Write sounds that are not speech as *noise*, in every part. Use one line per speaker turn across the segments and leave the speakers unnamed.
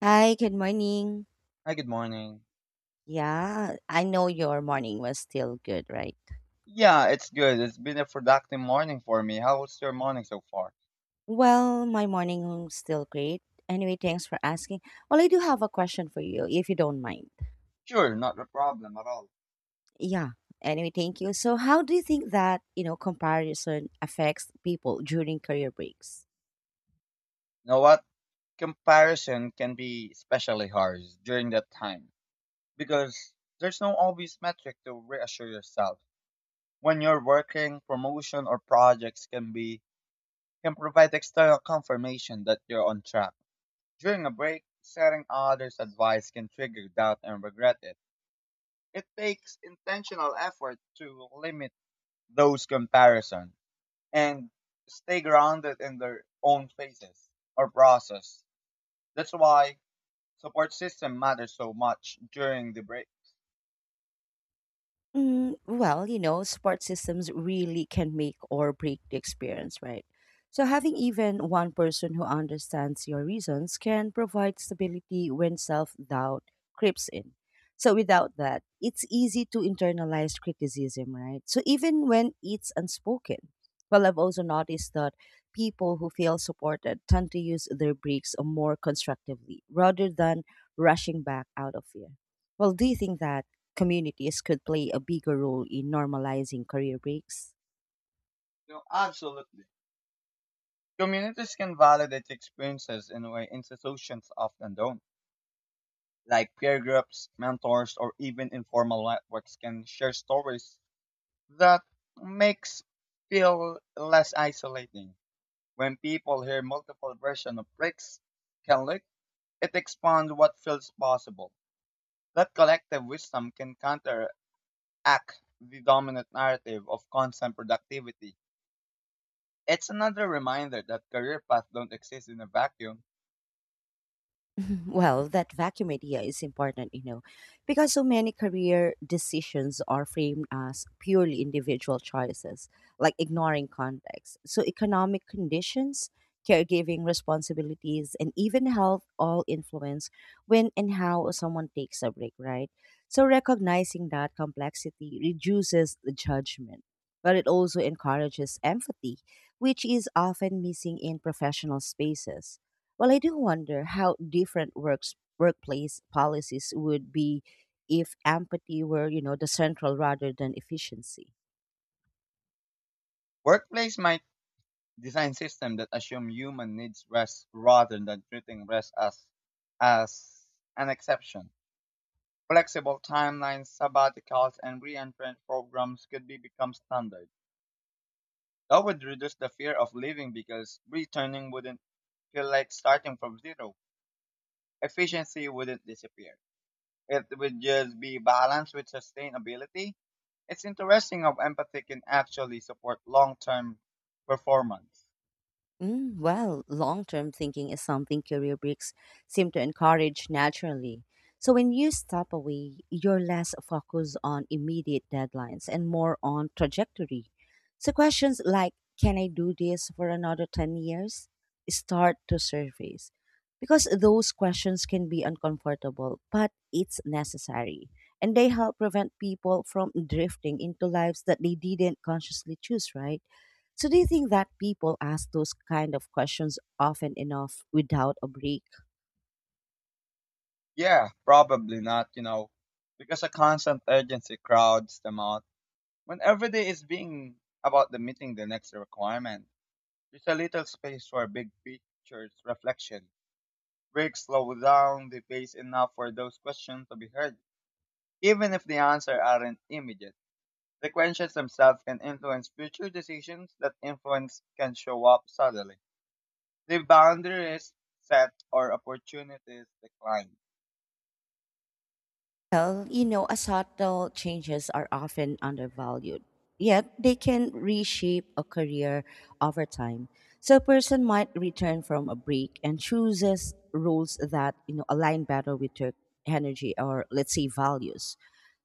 Hi, good morning.
Hi, good morning.
Yeah, I know your morning was still good, right?
Yeah, it's good. It's been a productive morning for me. How was your morning so far?
Well, my morning was still great. Anyway, thanks for asking. Well, I do have a question for you, if you don't mind.
Sure, not a problem at all.
Yeah. Anyway, thank you. So, how do you think that, comparison affects people during career breaks?
You know what? Comparison can be especially harsh during that time because there's no obvious metric to reassure yourself. When you're working, promotion or projects can provide external confirmation that you're on track. During a break, setting others' advice can trigger doubt and regret it. It takes intentional effort to limit those comparisons and stay grounded in their own phases or process. That's why support system matters so much during the break.
Well, support systems really can make or break the experience, right? So, having even one person who understands your reasons can provide stability when self doubt creeps in. So, without that, it's easy to internalize criticism, right? So, even when it's unspoken. Well, I've also noticed that people who feel supported tend to use their breaks more constructively rather than rushing back out of fear. Well, do you think that communities could play a bigger role in normalizing career breaks?
No, absolutely. Communities can validate experiences in a way institutions often don't. Like peer groups, mentors, or even informal networks can share stories that makes feel less isolating. When people hear multiple versions of breaks can look, it expands what feels possible. That collective wisdom can counteract the dominant narrative of constant productivity. It's another reminder that career paths don't exist in a vacuum.
*laughs* Well, that vacuum idea is important, because so many career decisions are framed as purely individual choices, like ignoring context. So, economic conditions, caregiving responsibilities, and even health all influence when and how someone takes a break, right? So, recognizing that complexity reduces the judgment, but it also encourages empathy, which is often missing in professional spaces. Well, I do wonder how different works workplace policies would be if empathy were, the central rather than efficiency.
Workplace might design systems that assume human needs rest rather than treating rest as an exception. Flexible timelines, sabbaticals, and re-entrant programs could be become standard. That would reduce the fear of leaving because returning wouldn't feel like starting from zero. Efficiency wouldn't disappear. It would just be balanced with sustainability. It's interesting how empathy can actually support long term performance.
Well, long term thinking is something career breaks seem to encourage naturally. So when you step away, you're less focused on immediate deadlines and more on trajectory. So questions like, can I do this for another 10 years, start to surface. Because those questions can be uncomfortable, but it's necessary. And they help prevent people from drifting into lives that they didn't consciously choose, right? So do you think that people ask those kind of questions often enough without a break?
Yeah, probably not, you know, because a constant urgency crowds them out. When every day is being about the meeting the next requirement, there's a little space for big pictures reflection. Breaks slow down the pace enough for those questions to be heard, even if the answer aren't immediate. The themselves can influence future decisions. That influence can show up suddenly. The boundaries set or opportunities decline.
Well, a subtle changes are often undervalued, yet they can reshape a career over time. So a person might return from a break and chooses roles that, align better with their energy or let's say values.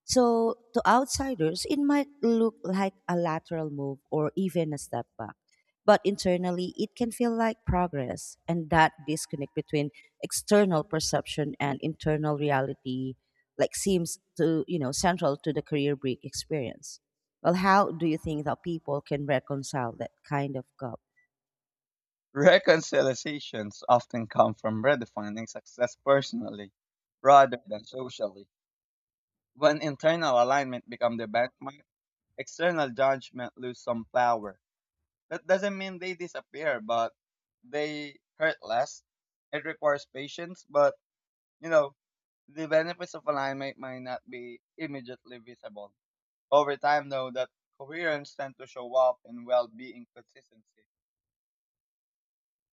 So to outsiders, it might look like a lateral move or even a step back. But internally, it can feel like progress, and that disconnect between external perception and internal reality like seems to central to the career break experience. Well, how do you think that people can reconcile that kind of gap?
Reconciliations often come from redefining success personally rather than socially. When internal alignment becomes the benchmark, external judgment lose some power. That doesn't mean they disappear, but they hurt less. It requires patience, but you know the benefits of alignment might not be immediately visible. Over time, though, that coherence tends to show up in well-being consistency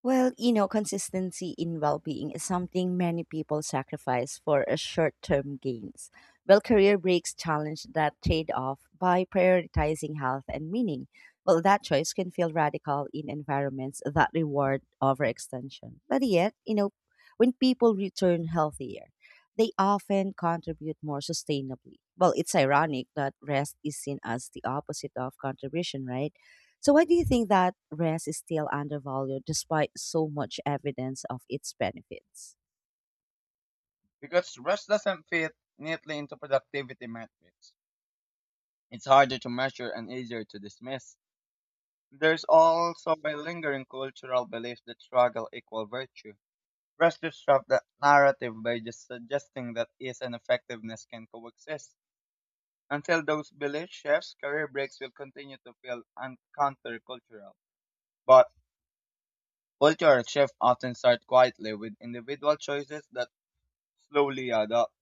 Well, consistency in well being is something many people sacrifice for a short term gains. Well, career breaks challenge that trade off by prioritizing health and meaning. Well, that choice can feel radical in environments that reward overextension. But yet, when people return healthier, they often contribute more sustainably. Well, it's ironic that rest is seen as the opposite of contribution, right? So, why do you think that rest is still undervalued despite so much evidence of its benefits?
because rest doesn't fit neatly into productivity metrics. It's harder to measure and easier to dismiss. There's also a lingering cultural belief that struggle equals virtue. Rest disrupts that narrative by just suggesting that ease and effectiveness can coexist. Until those beliefs shifts, career breaks will continue to feel countercultural. But culture shifts often start quietly with individual choices that slowly add up.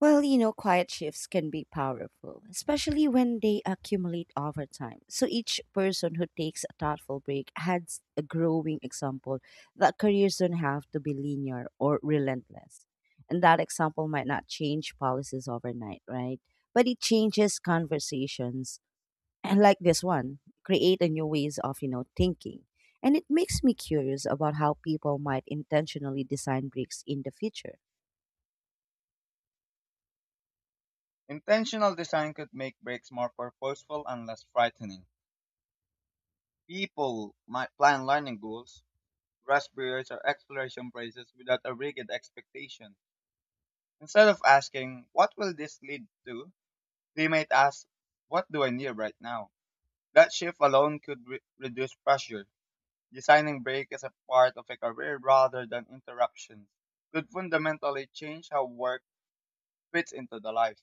Well, quiet shifts can be powerful, especially when they accumulate over time. So each person who takes a thoughtful break adds a growing example that careers don't have to be linear or relentless. And that example might not change policies overnight, right? But it changes conversations, and like this one, create a new ways of, thinking. And it makes me curious about how people might intentionally design breaks in the future.
Intentional design could make breaks more purposeful and less frightening. People might plan learning goals, rest periods, or exploration phases without a rigid expectation. Instead of asking, what will this lead to? They might ask, what do I need right now? That shift alone could reduce pressure. Designing break as a part of a career rather than interruptions could fundamentally change how work fits into the life.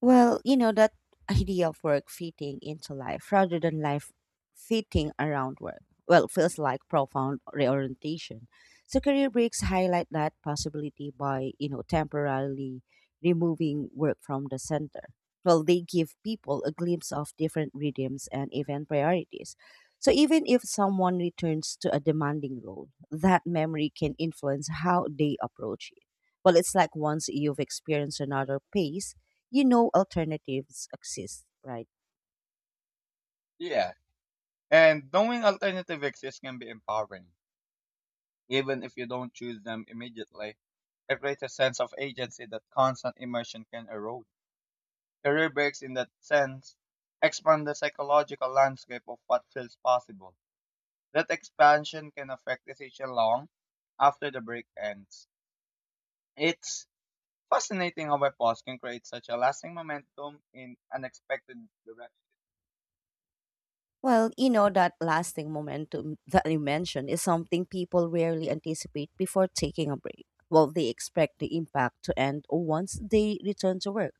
Well, that idea of work fitting into life rather than life fitting around work, well, feels like profound reorientation. So career breaks highlight that possibility by, temporarily removing work from the center. Well, they give people a glimpse of different rhythms and event priorities. So even if someone returns to a demanding role, that memory can influence how they approach it. Well, it's like once you've experienced another pace, alternatives exist, right?
Yeah. And knowing alternative exist can be empowering, even if you don't choose them immediately. It creates a sense of agency that constant immersion can erode. Career breaks in that sense expand the psychological landscape of what feels possible. That expansion can affect decision long after the break ends. It's fascinating how a pause can create such a lasting momentum in unexpected direction.
Well, that lasting momentum that you mentioned is something people rarely anticipate before taking a break. Well, they expect the impact to end once they return to work.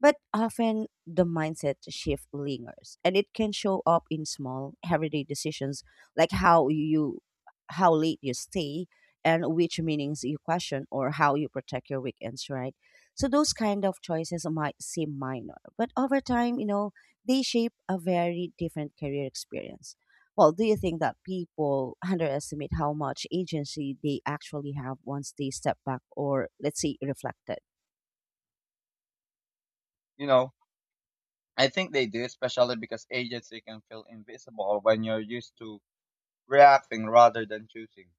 But often the mindset shift lingers and it can show up in small everyday decisions like how you how late you stay and which meanings you question or how you protect your weekends, right? So those kind of choices might seem minor, but over time, they shape a very different career experience. Well, do you think that people underestimate how much agency they actually have once they step back or, let's say, reflected?
You know, I think they do, especially because agency can feel invisible when you're used to reacting rather than choosing.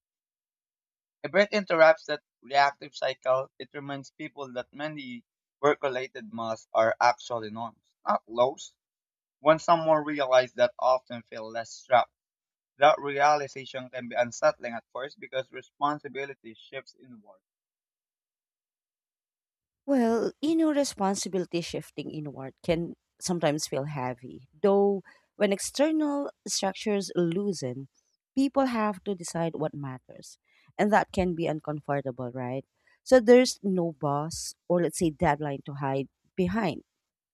If it interrupts that reactive cycle, it reminds people that many work-related masks are actually norms, not laws. When someone realizes that often feel less trapped, that realization can be unsettling at first because responsibility shifts inward.
Well, responsibility shifting inward can sometimes feel heavy, though, when external structures loosen, people have to decide what matters. And that can be uncomfortable, right? So there's no boss or, let's say, deadline to hide behind.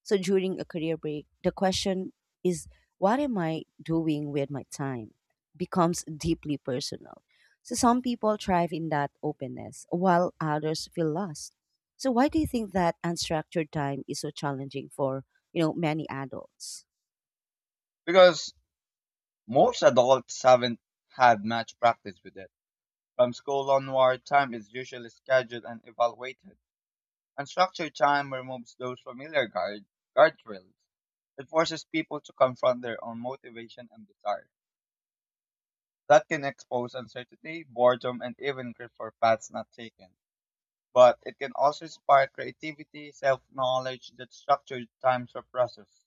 So during a career break, the question is, what am I doing with my time, becomes deeply personal. So some people thrive in that openness, while others feel lost. So why do you think that unstructured time is so challenging for, many adults?
Because most adults haven't had much practice with it. From school onward, time is usually scheduled and evaluated. Unstructured time removes those familiar guardrails. It forces people to confront their own motivation and desire. That can expose uncertainty, boredom, and even grief for paths not taken. But it can also inspire creativity, self-knowledge that structured time suppresses.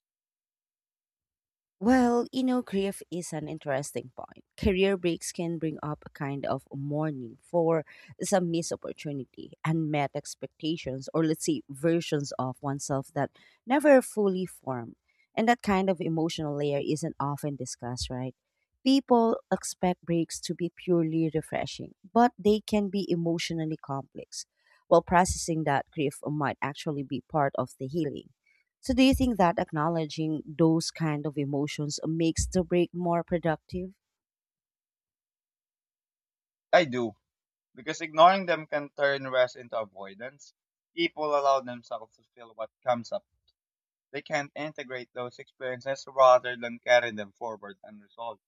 Well, grief is an interesting point. Career breaks can bring up a kind of mourning for some missed opportunity, unmet expectations, or let's say versions of oneself that never fully formed. And that kind of emotional layer isn't often discussed, right? People expect breaks to be purely refreshing, but they can be emotionally complex. While processing that grief might actually be part of the healing, so do you think that acknowledging those kind of emotions makes the break more productive?
I do, because ignoring them can turn rest into avoidance. People allow themselves to feel what comes up. They can integrate those experiences rather than carry them forward unresolved.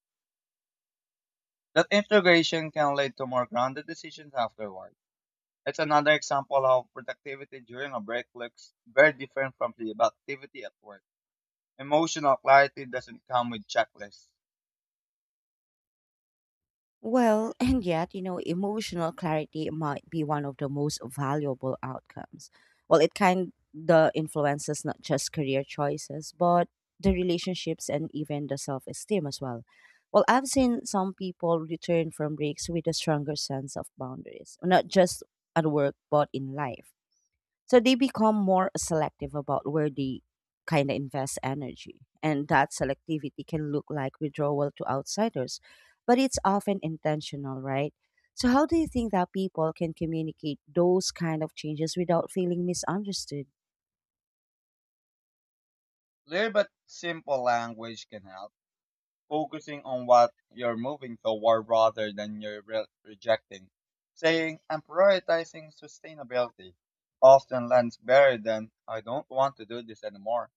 That integration can lead to more grounded decisions afterward. It's another example of how productivity during a break looks very different from productivity at work. Emotional clarity doesn't come with checklists.
Well, *laughs* and yet, emotional clarity might be one of the most valuable outcomes. Well, it kind the influences not just career choices, but the relationships and even the self-esteem as well. Well, I've seen some people return from breaks with a stronger sense of boundaries, not just at work, but in life. So they become more selective about where they kind of invest energy. And that selectivity can look like withdrawal to outsiders, but it's often intentional, right? So, how do you think that people can communicate those kind of changes without feeling misunderstood?
Clear but simple language can help, focusing on what you're moving toward rather than you're rejecting. Saying, I'm prioritizing sustainability, often lands better than, I don't want to do this anymore.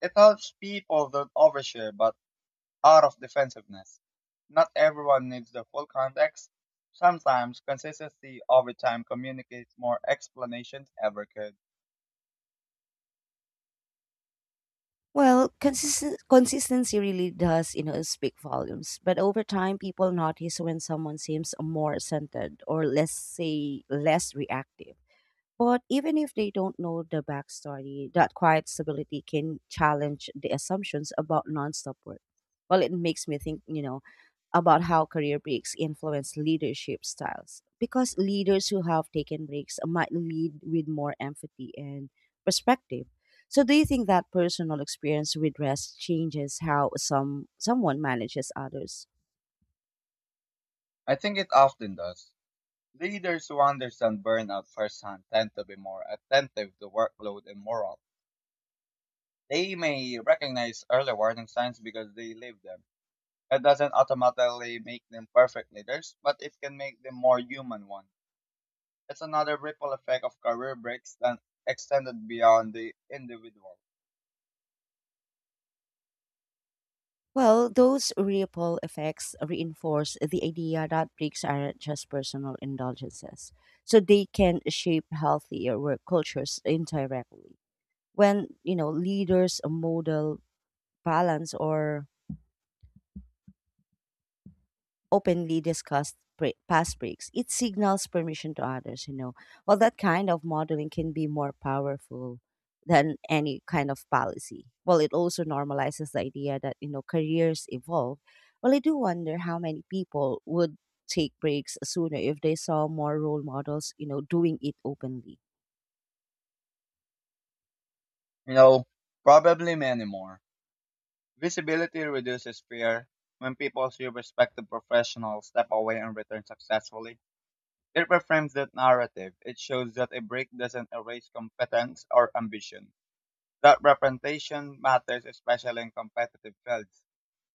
It helps people don't overshare but out of defensiveness. Not everyone needs the full context. Sometimes consistency over time communicates more explanations ever could.
Well, consistency really does, speak volumes. But over time, people notice when someone seems more centered or, let's say, less reactive. But even if they don't know the backstory, that quiet stability can challenge the assumptions about nonstop work. Well, it makes me think, about how career breaks influence leadership styles. Because leaders who have taken breaks might lead with more empathy and perspective. So, do you think that personal experience with rest changes how someone manages others?
I think it often does. Leaders who understand burnout firsthand tend to be more attentive to workload and morale. They may recognize early warning signs because they live them. It doesn't automatically make them perfect leaders, but it can make them more human ones. It's another ripple effect of career breaks that extended beyond the individual.
Well, those ripple effects reinforce the idea that breaks aren't just personal indulgences. So they can shape healthier work cultures indirectly. When, leaders model balance or openly discussed past breaks. It signals permission to others, you know. Well, that kind of modeling can be more powerful than any kind of policy. Well, it also normalizes the idea that, careers evolve. Well, I do wonder how many people would take breaks sooner if they saw more role models, doing it openly.
No, probably many more. Visibility reduces fear. When people see respected professionals step away and return successfully, it reframes that narrative. It shows that a break doesn't erase competence or ambition. That representation matters especially in competitive fields,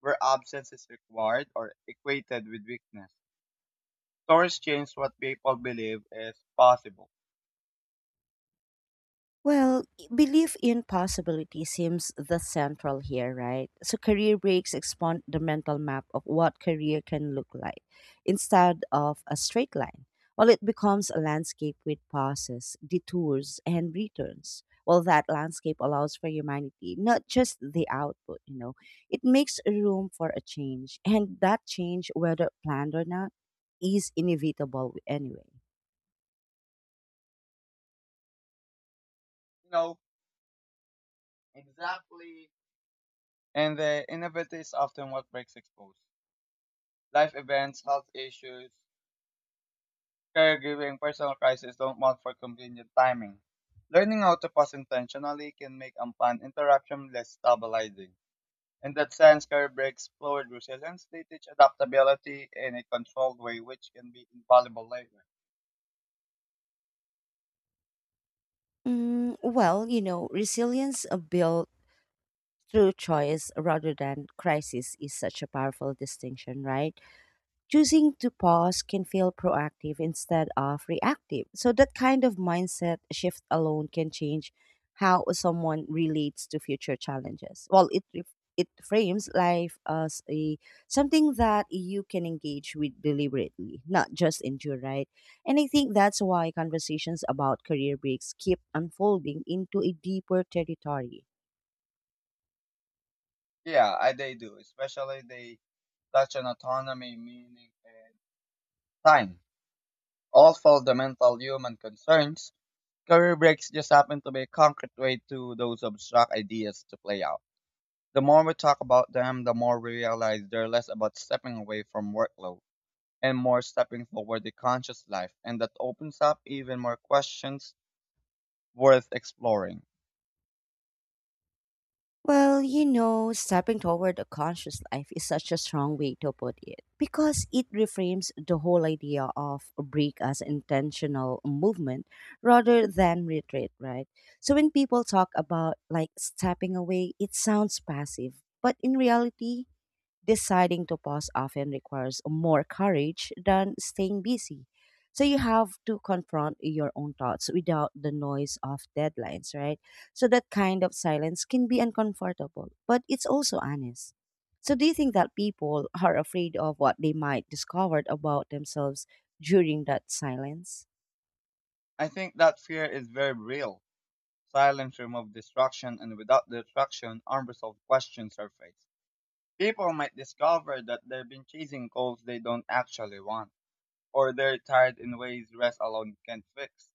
where absence is required or equated with weakness. Stories change what people believe is possible.
Well, belief in possibility seems the central here, right? So career breaks expand the mental map of what career can look like instead of a straight line. Well, it becomes a landscape with pauses, detours, and returns. Well, that landscape allows for humanity, not just the output, you know. It makes room for a change, and that change, whether planned or not, is inevitable anyway.
You know, exactly. And the innovative is often what breaks exposed. Life events, health issues, caregiving, personal crises don't mount for convenient timing. Learning how to pause intentionally can make unplanned interruption less stabilizing. In that sense, career breaks forward resilience. They teach adaptability in a controlled way, which can be invaluable later.
Well, resilience built through choice rather than crisis is such a powerful distinction, right? Choosing to pause can feel proactive instead of reactive. So, that kind of mindset shift alone can change how someone relates to future challenges. Well, it it frames life as a something that you can engage with deliberately, not just endure, right? And I think that's why conversations about career breaks keep unfolding into a deeper territory.
Yeah, they do. Especially they touch on autonomy, meaning, and time. All fundamental human concerns. Career breaks just happen to be a concrete way to those abstract ideas to play out. The more we talk about them, the more we realize they're less about stepping away from workload and more stepping forward to conscious life, and that opens up even more questions worth exploring.
Well, stepping toward a conscious life is such a strong way to put it because it reframes the whole idea of a break as intentional movement rather than retreat, right? So when people talk about like stepping away, it sounds passive, but in reality, deciding to pause often requires more courage than staying busy. So you have to confront your own thoughts without the noise of deadlines, right? So that kind of silence can be uncomfortable, but it's also honest. So do you think that people are afraid of what they might discover about themselves during that silence?
I think that fear is very real. Silence removes distraction, and without distraction, unresolved questions surface. People might discover that they've been chasing goals they don't actually want, or they're tired in ways rest alone can't fix.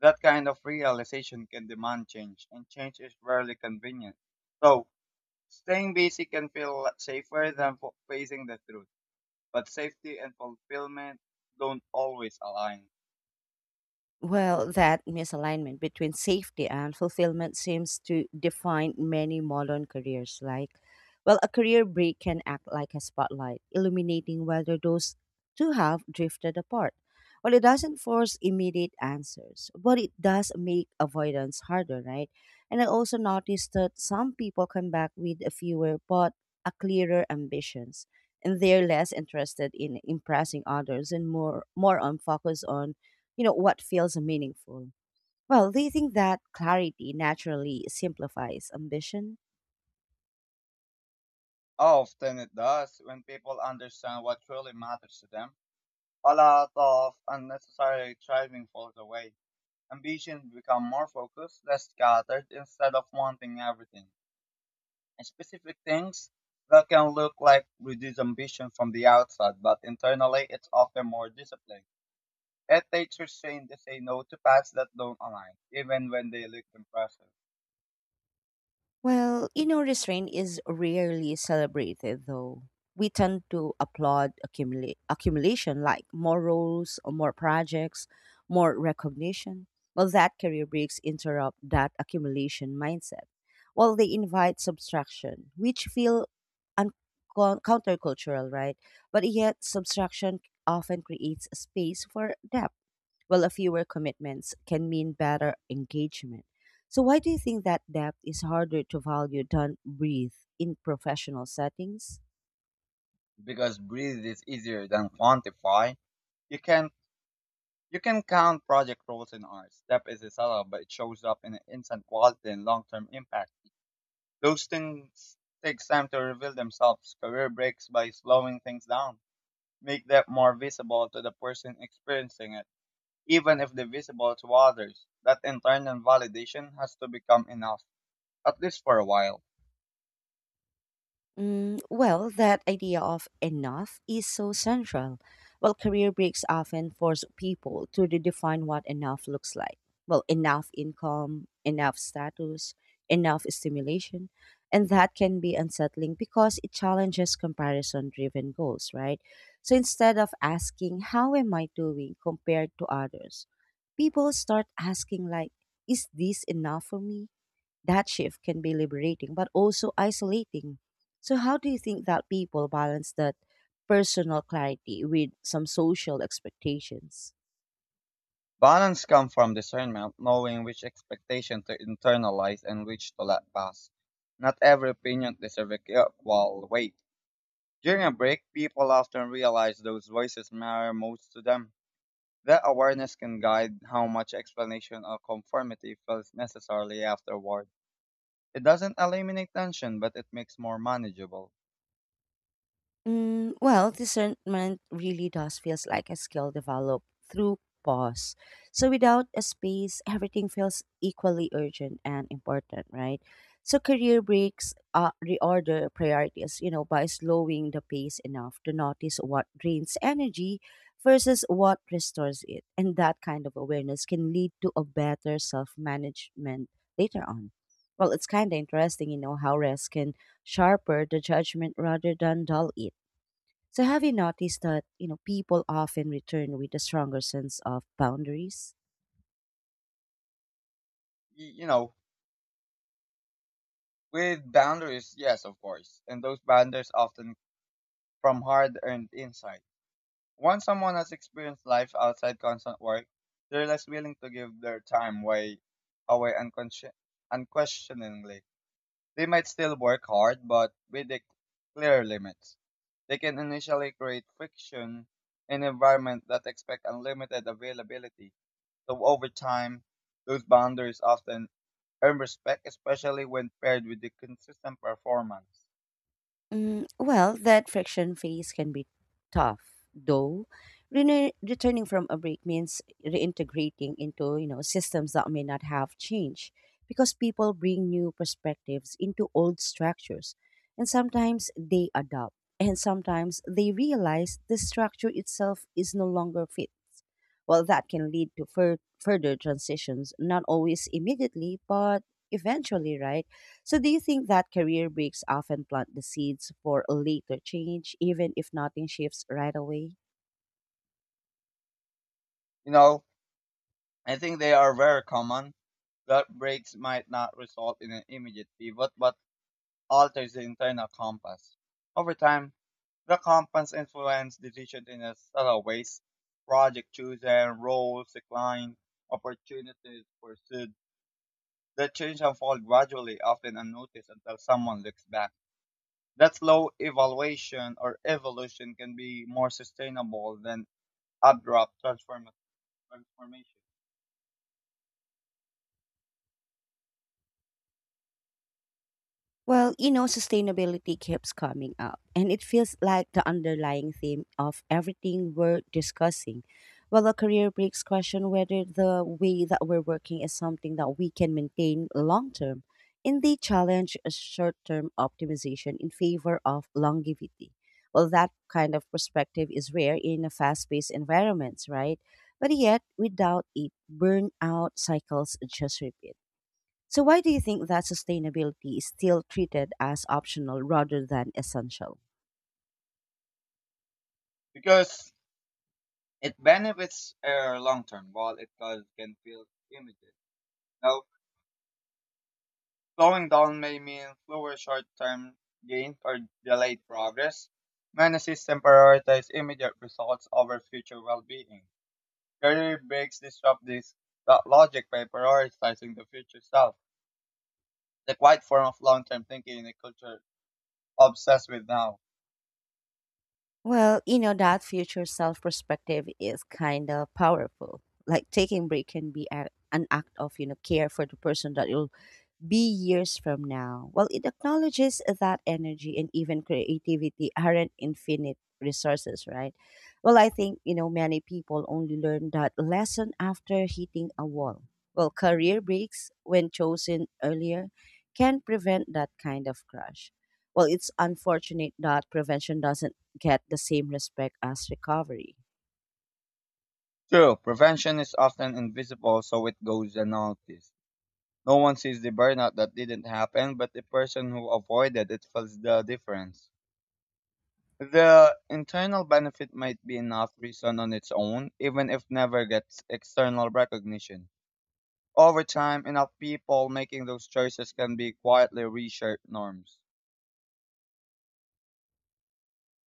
That kind of realization can demand change, and change is rarely convenient. So, staying busy can feel safer than facing the truth, but safety and fulfillment don't always align.
Well, that misalignment between safety and fulfillment seems to define many modern careers. Like, well, a career break can act like a spotlight, illuminating whether those two have drifted apart. Well, it doesn't force immediate answers, but it does make avoidance harder, right? And I also noticed that some people come back with a fewer but a clearer ambitions, and they're less interested in impressing others and more on focus on what feels meaningful. Well, do you think that clarity naturally simplifies ambition?
Often it does when people understand what truly matters to them. A lot of unnecessary striving falls away. Ambitions become more focused, less scattered, instead of wanting everything and specific things that can look like reduced ambition from the outside, but internally it's often more discipline. It takes restraint to say no to paths that don't align, even when they look impressive.
Well, inner restraint is rarely celebrated, though. We tend to applaud accumulation, like more roles, or more projects, more recognition. Well, that career breaks interrupt that accumulation mindset. Well, they invite subtraction, which feel un- countercultural, right? But yet, subtraction often creates space for depth. Well, a fewer commitments can mean better engagement. So, why do you think that depth is harder to value than breadth in professional settings?
Because breathe is easier than quantify. You can you can count project roles in art. Step is a seller, but it shows up in instant quality and long term impact. Those things take time to reveal themselves. Career breaks by slowing things down. Make that more visible to the person experiencing it even if divisible to others. That internal validation has to become enough, at least for a while.
Mm, well, that idea of enough is so central. Well, career breaks often force people to redefine what enough looks like. Well, enough income, enough status, enough stimulation. And that can be unsettling because it challenges comparison driven goals, right? So instead of asking, how am I doing compared to others? People start asking, like, is this enough for me? That shift can be liberating, but also isolating. So, how do you think that people balance that personal clarity with some social expectations?
Balance comes from discernment, knowing which expectation to internalize and which to let pass. Not every opinion deserves equal weight. During a break, people often realize those voices matter most to them. That awareness can guide how much explanation or conformity feels necessarily afterward. It doesn't eliminate tension, but it makes more manageable.
Mm, well, discernment really does feels like a skill developed through pause. So without a space, everything feels equally urgent and important, right? So career breaks reorder priorities, you know, by slowing the pace enough to notice what drains energy versus what restores it. And that kind of awareness can lead to a better self-management later on. Well, it's kind of interesting, you know, how rest can sharper the judgment rather than dull it. So have you noticed that, you know, people often return with a stronger sense of boundaries?
Y- you know, With boundaries, yes, of course, and those boundaries often from hard earned insight. Once someone has experienced life outside constant work, they're less willing to give their time way, away unquestioningly. They might still work hard, but with the clear limits. They can initially create friction in environment that expect unlimited availability. So over time, those boundaries often earn respect, especially when paired with the consistent performance.
Mm, well, that friction phase can be tough, though. Returning from a break means reintegrating into, you know, systems that may not have changed because people bring new perspectives into old structures. And sometimes they adapt, and sometimes they realize the structure itself is no longer fit. Well, that can lead to further transitions, not always immediately, but eventually, right? So, do you think that career breaks often plant the seeds for a later change, even if nothing shifts right away?
You know, I think they are very common. Gut breaks might not result in an immediate pivot, but alters the internal compass. Over time, the compass influences decisions in a subtle ways. Project chosen, roles declined, opportunities pursued. The change unfold gradually, often unnoticed until someone looks back. That slow evaluation or evolution can be more sustainable than abrupt transformation.
Well, you know, sustainability keeps coming up, and it feels like the underlying theme of everything we're discussing. Well, the career breaks question whether the way that we're working is something that we can maintain long term. And they challenge a short term optimization in favor of longevity. Well, that kind of perspective is rare in a fast paced environments, right? But yet, without it, burnout cycles just repeat. So, why do you think that sustainability is still treated as optional rather than essential?
Because it benefits air long term, while it causes can feel limited. Now, slowing down may mean slower short term gains or delayed progress. Many systems prioritize immediate results over future well being. Career breaks disrupt this that logic by prioritizing the future self, the quiet form of long term thinking in a culture obsessed with now.
Well, you know, that future self perspective is kind of powerful. Like taking break can be an act of, you know, care for the person that you're be years from now. Well, it acknowledges that energy and even creativity aren't infinite resources, right? Well, I think, you know, many people only learn that lesson after hitting a wall. Well, career breaks, when chosen earlier, can prevent that kind of crash. Well, it's unfortunate that prevention doesn't get the same respect as recovery.
True, prevention is often invisible, so it goes unnoticed. No one sees the burnout that didn't happen, but the person who avoided it feels the difference. The internal benefit might be enough reason on its own, even if never gets external recognition. Over time, enough people making those choices can be quietly reshape norms.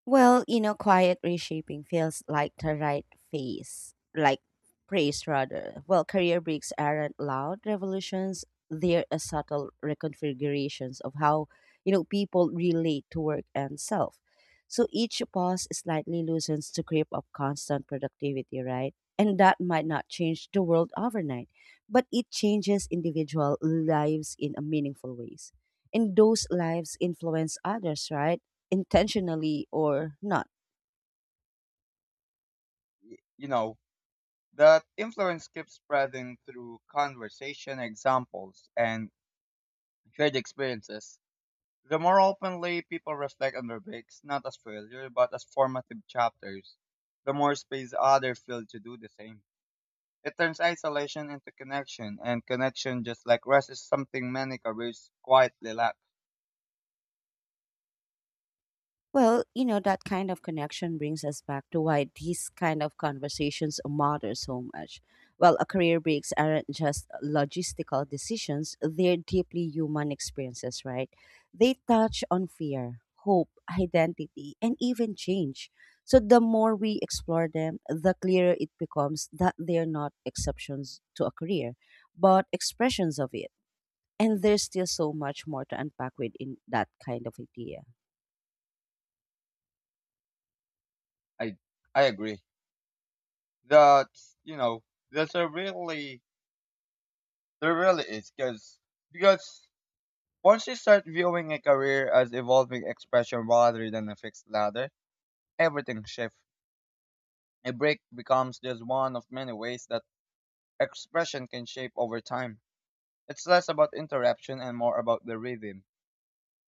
Well, you know, quiet reshaping feels like the right phase, like praise rather. Well, career breaks aren't loud revolutions, they're a subtle reconfigurations of how, you know, people relate to work and self. So each pause slightly loosens the grip of constant productivity, right? And that might not change the world overnight, but it changes individual lives in a meaningful ways. And those lives influence others, right? Intentionally or not.
Y- You know, that influence keeps spreading through conversation, examples, and shared experiences. The more openly people reflect on their breaks, not as failure, but as formative chapters, the more space others feel to do the same. It turns isolation into connection, and connection, just like rest, is something many careers quietly lack.
Well, you know, that kind of connection brings us back to why these kind of conversations matter so much. Well, a career breaks aren't just logistical decisions, they're deeply human experiences, right? They touch on fear, hope, identity, and even change. So the more we explore them, the clearer it becomes that they're not exceptions to a career, but expressions of it. And there's still so much more to unpack within that kind of idea.
I, I agree. That, you know, there's a really, There really is, because once you start viewing a career as evolving expression rather than a fixed ladder, everything shifts. A break becomes just one of many ways that expression can shape over time. It's less about interruption and more about the rhythm.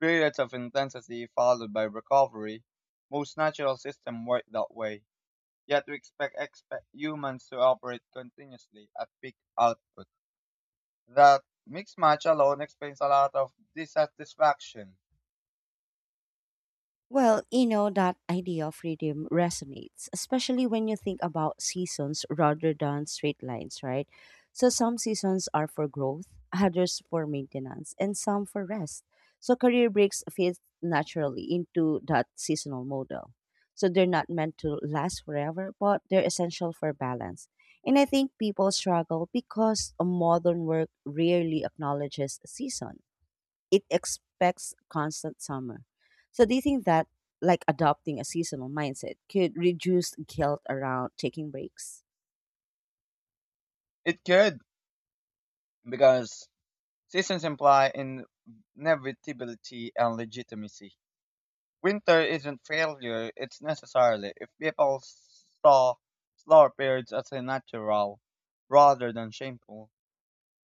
Periods of intensity followed by recovery. Most natural systems work that way. Yet we expect humans to operate continuously at peak output. That mixed match alone explains a lot of dissatisfaction.
Well, you know, that idea of freedom resonates, especially when you think about seasons rather than straight lines, right? So, some seasons are for growth, others for maintenance, and some for rest. So, career breaks fit naturally into that seasonal model. So, they're not meant to last forever, but they're essential for balance. And I think people struggle because modern work rarely acknowledges seasons. It expects constant summer. So do you think that, like, adopting a seasonal mindset could reduce guilt around taking breaks?
It could, because seasons imply inevitability and legitimacy. Winter isn't failure, it's necessarily. If people saw slower periods as a natural rather than shameful,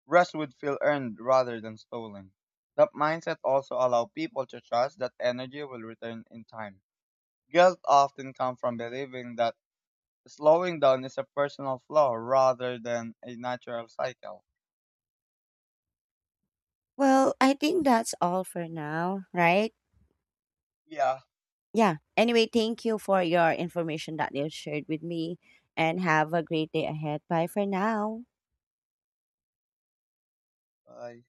rest would feel earned rather than stolen. That mindset also allows people to trust that energy will return in time. Guilt often comes from believing that slowing down is a personal flaw rather than a natural cycle.
Well, I think that's all for now, right?
Yeah.
Yeah. Anyway, thank you for your information that you shared with me and have a great day ahead. Bye for now.
Bye.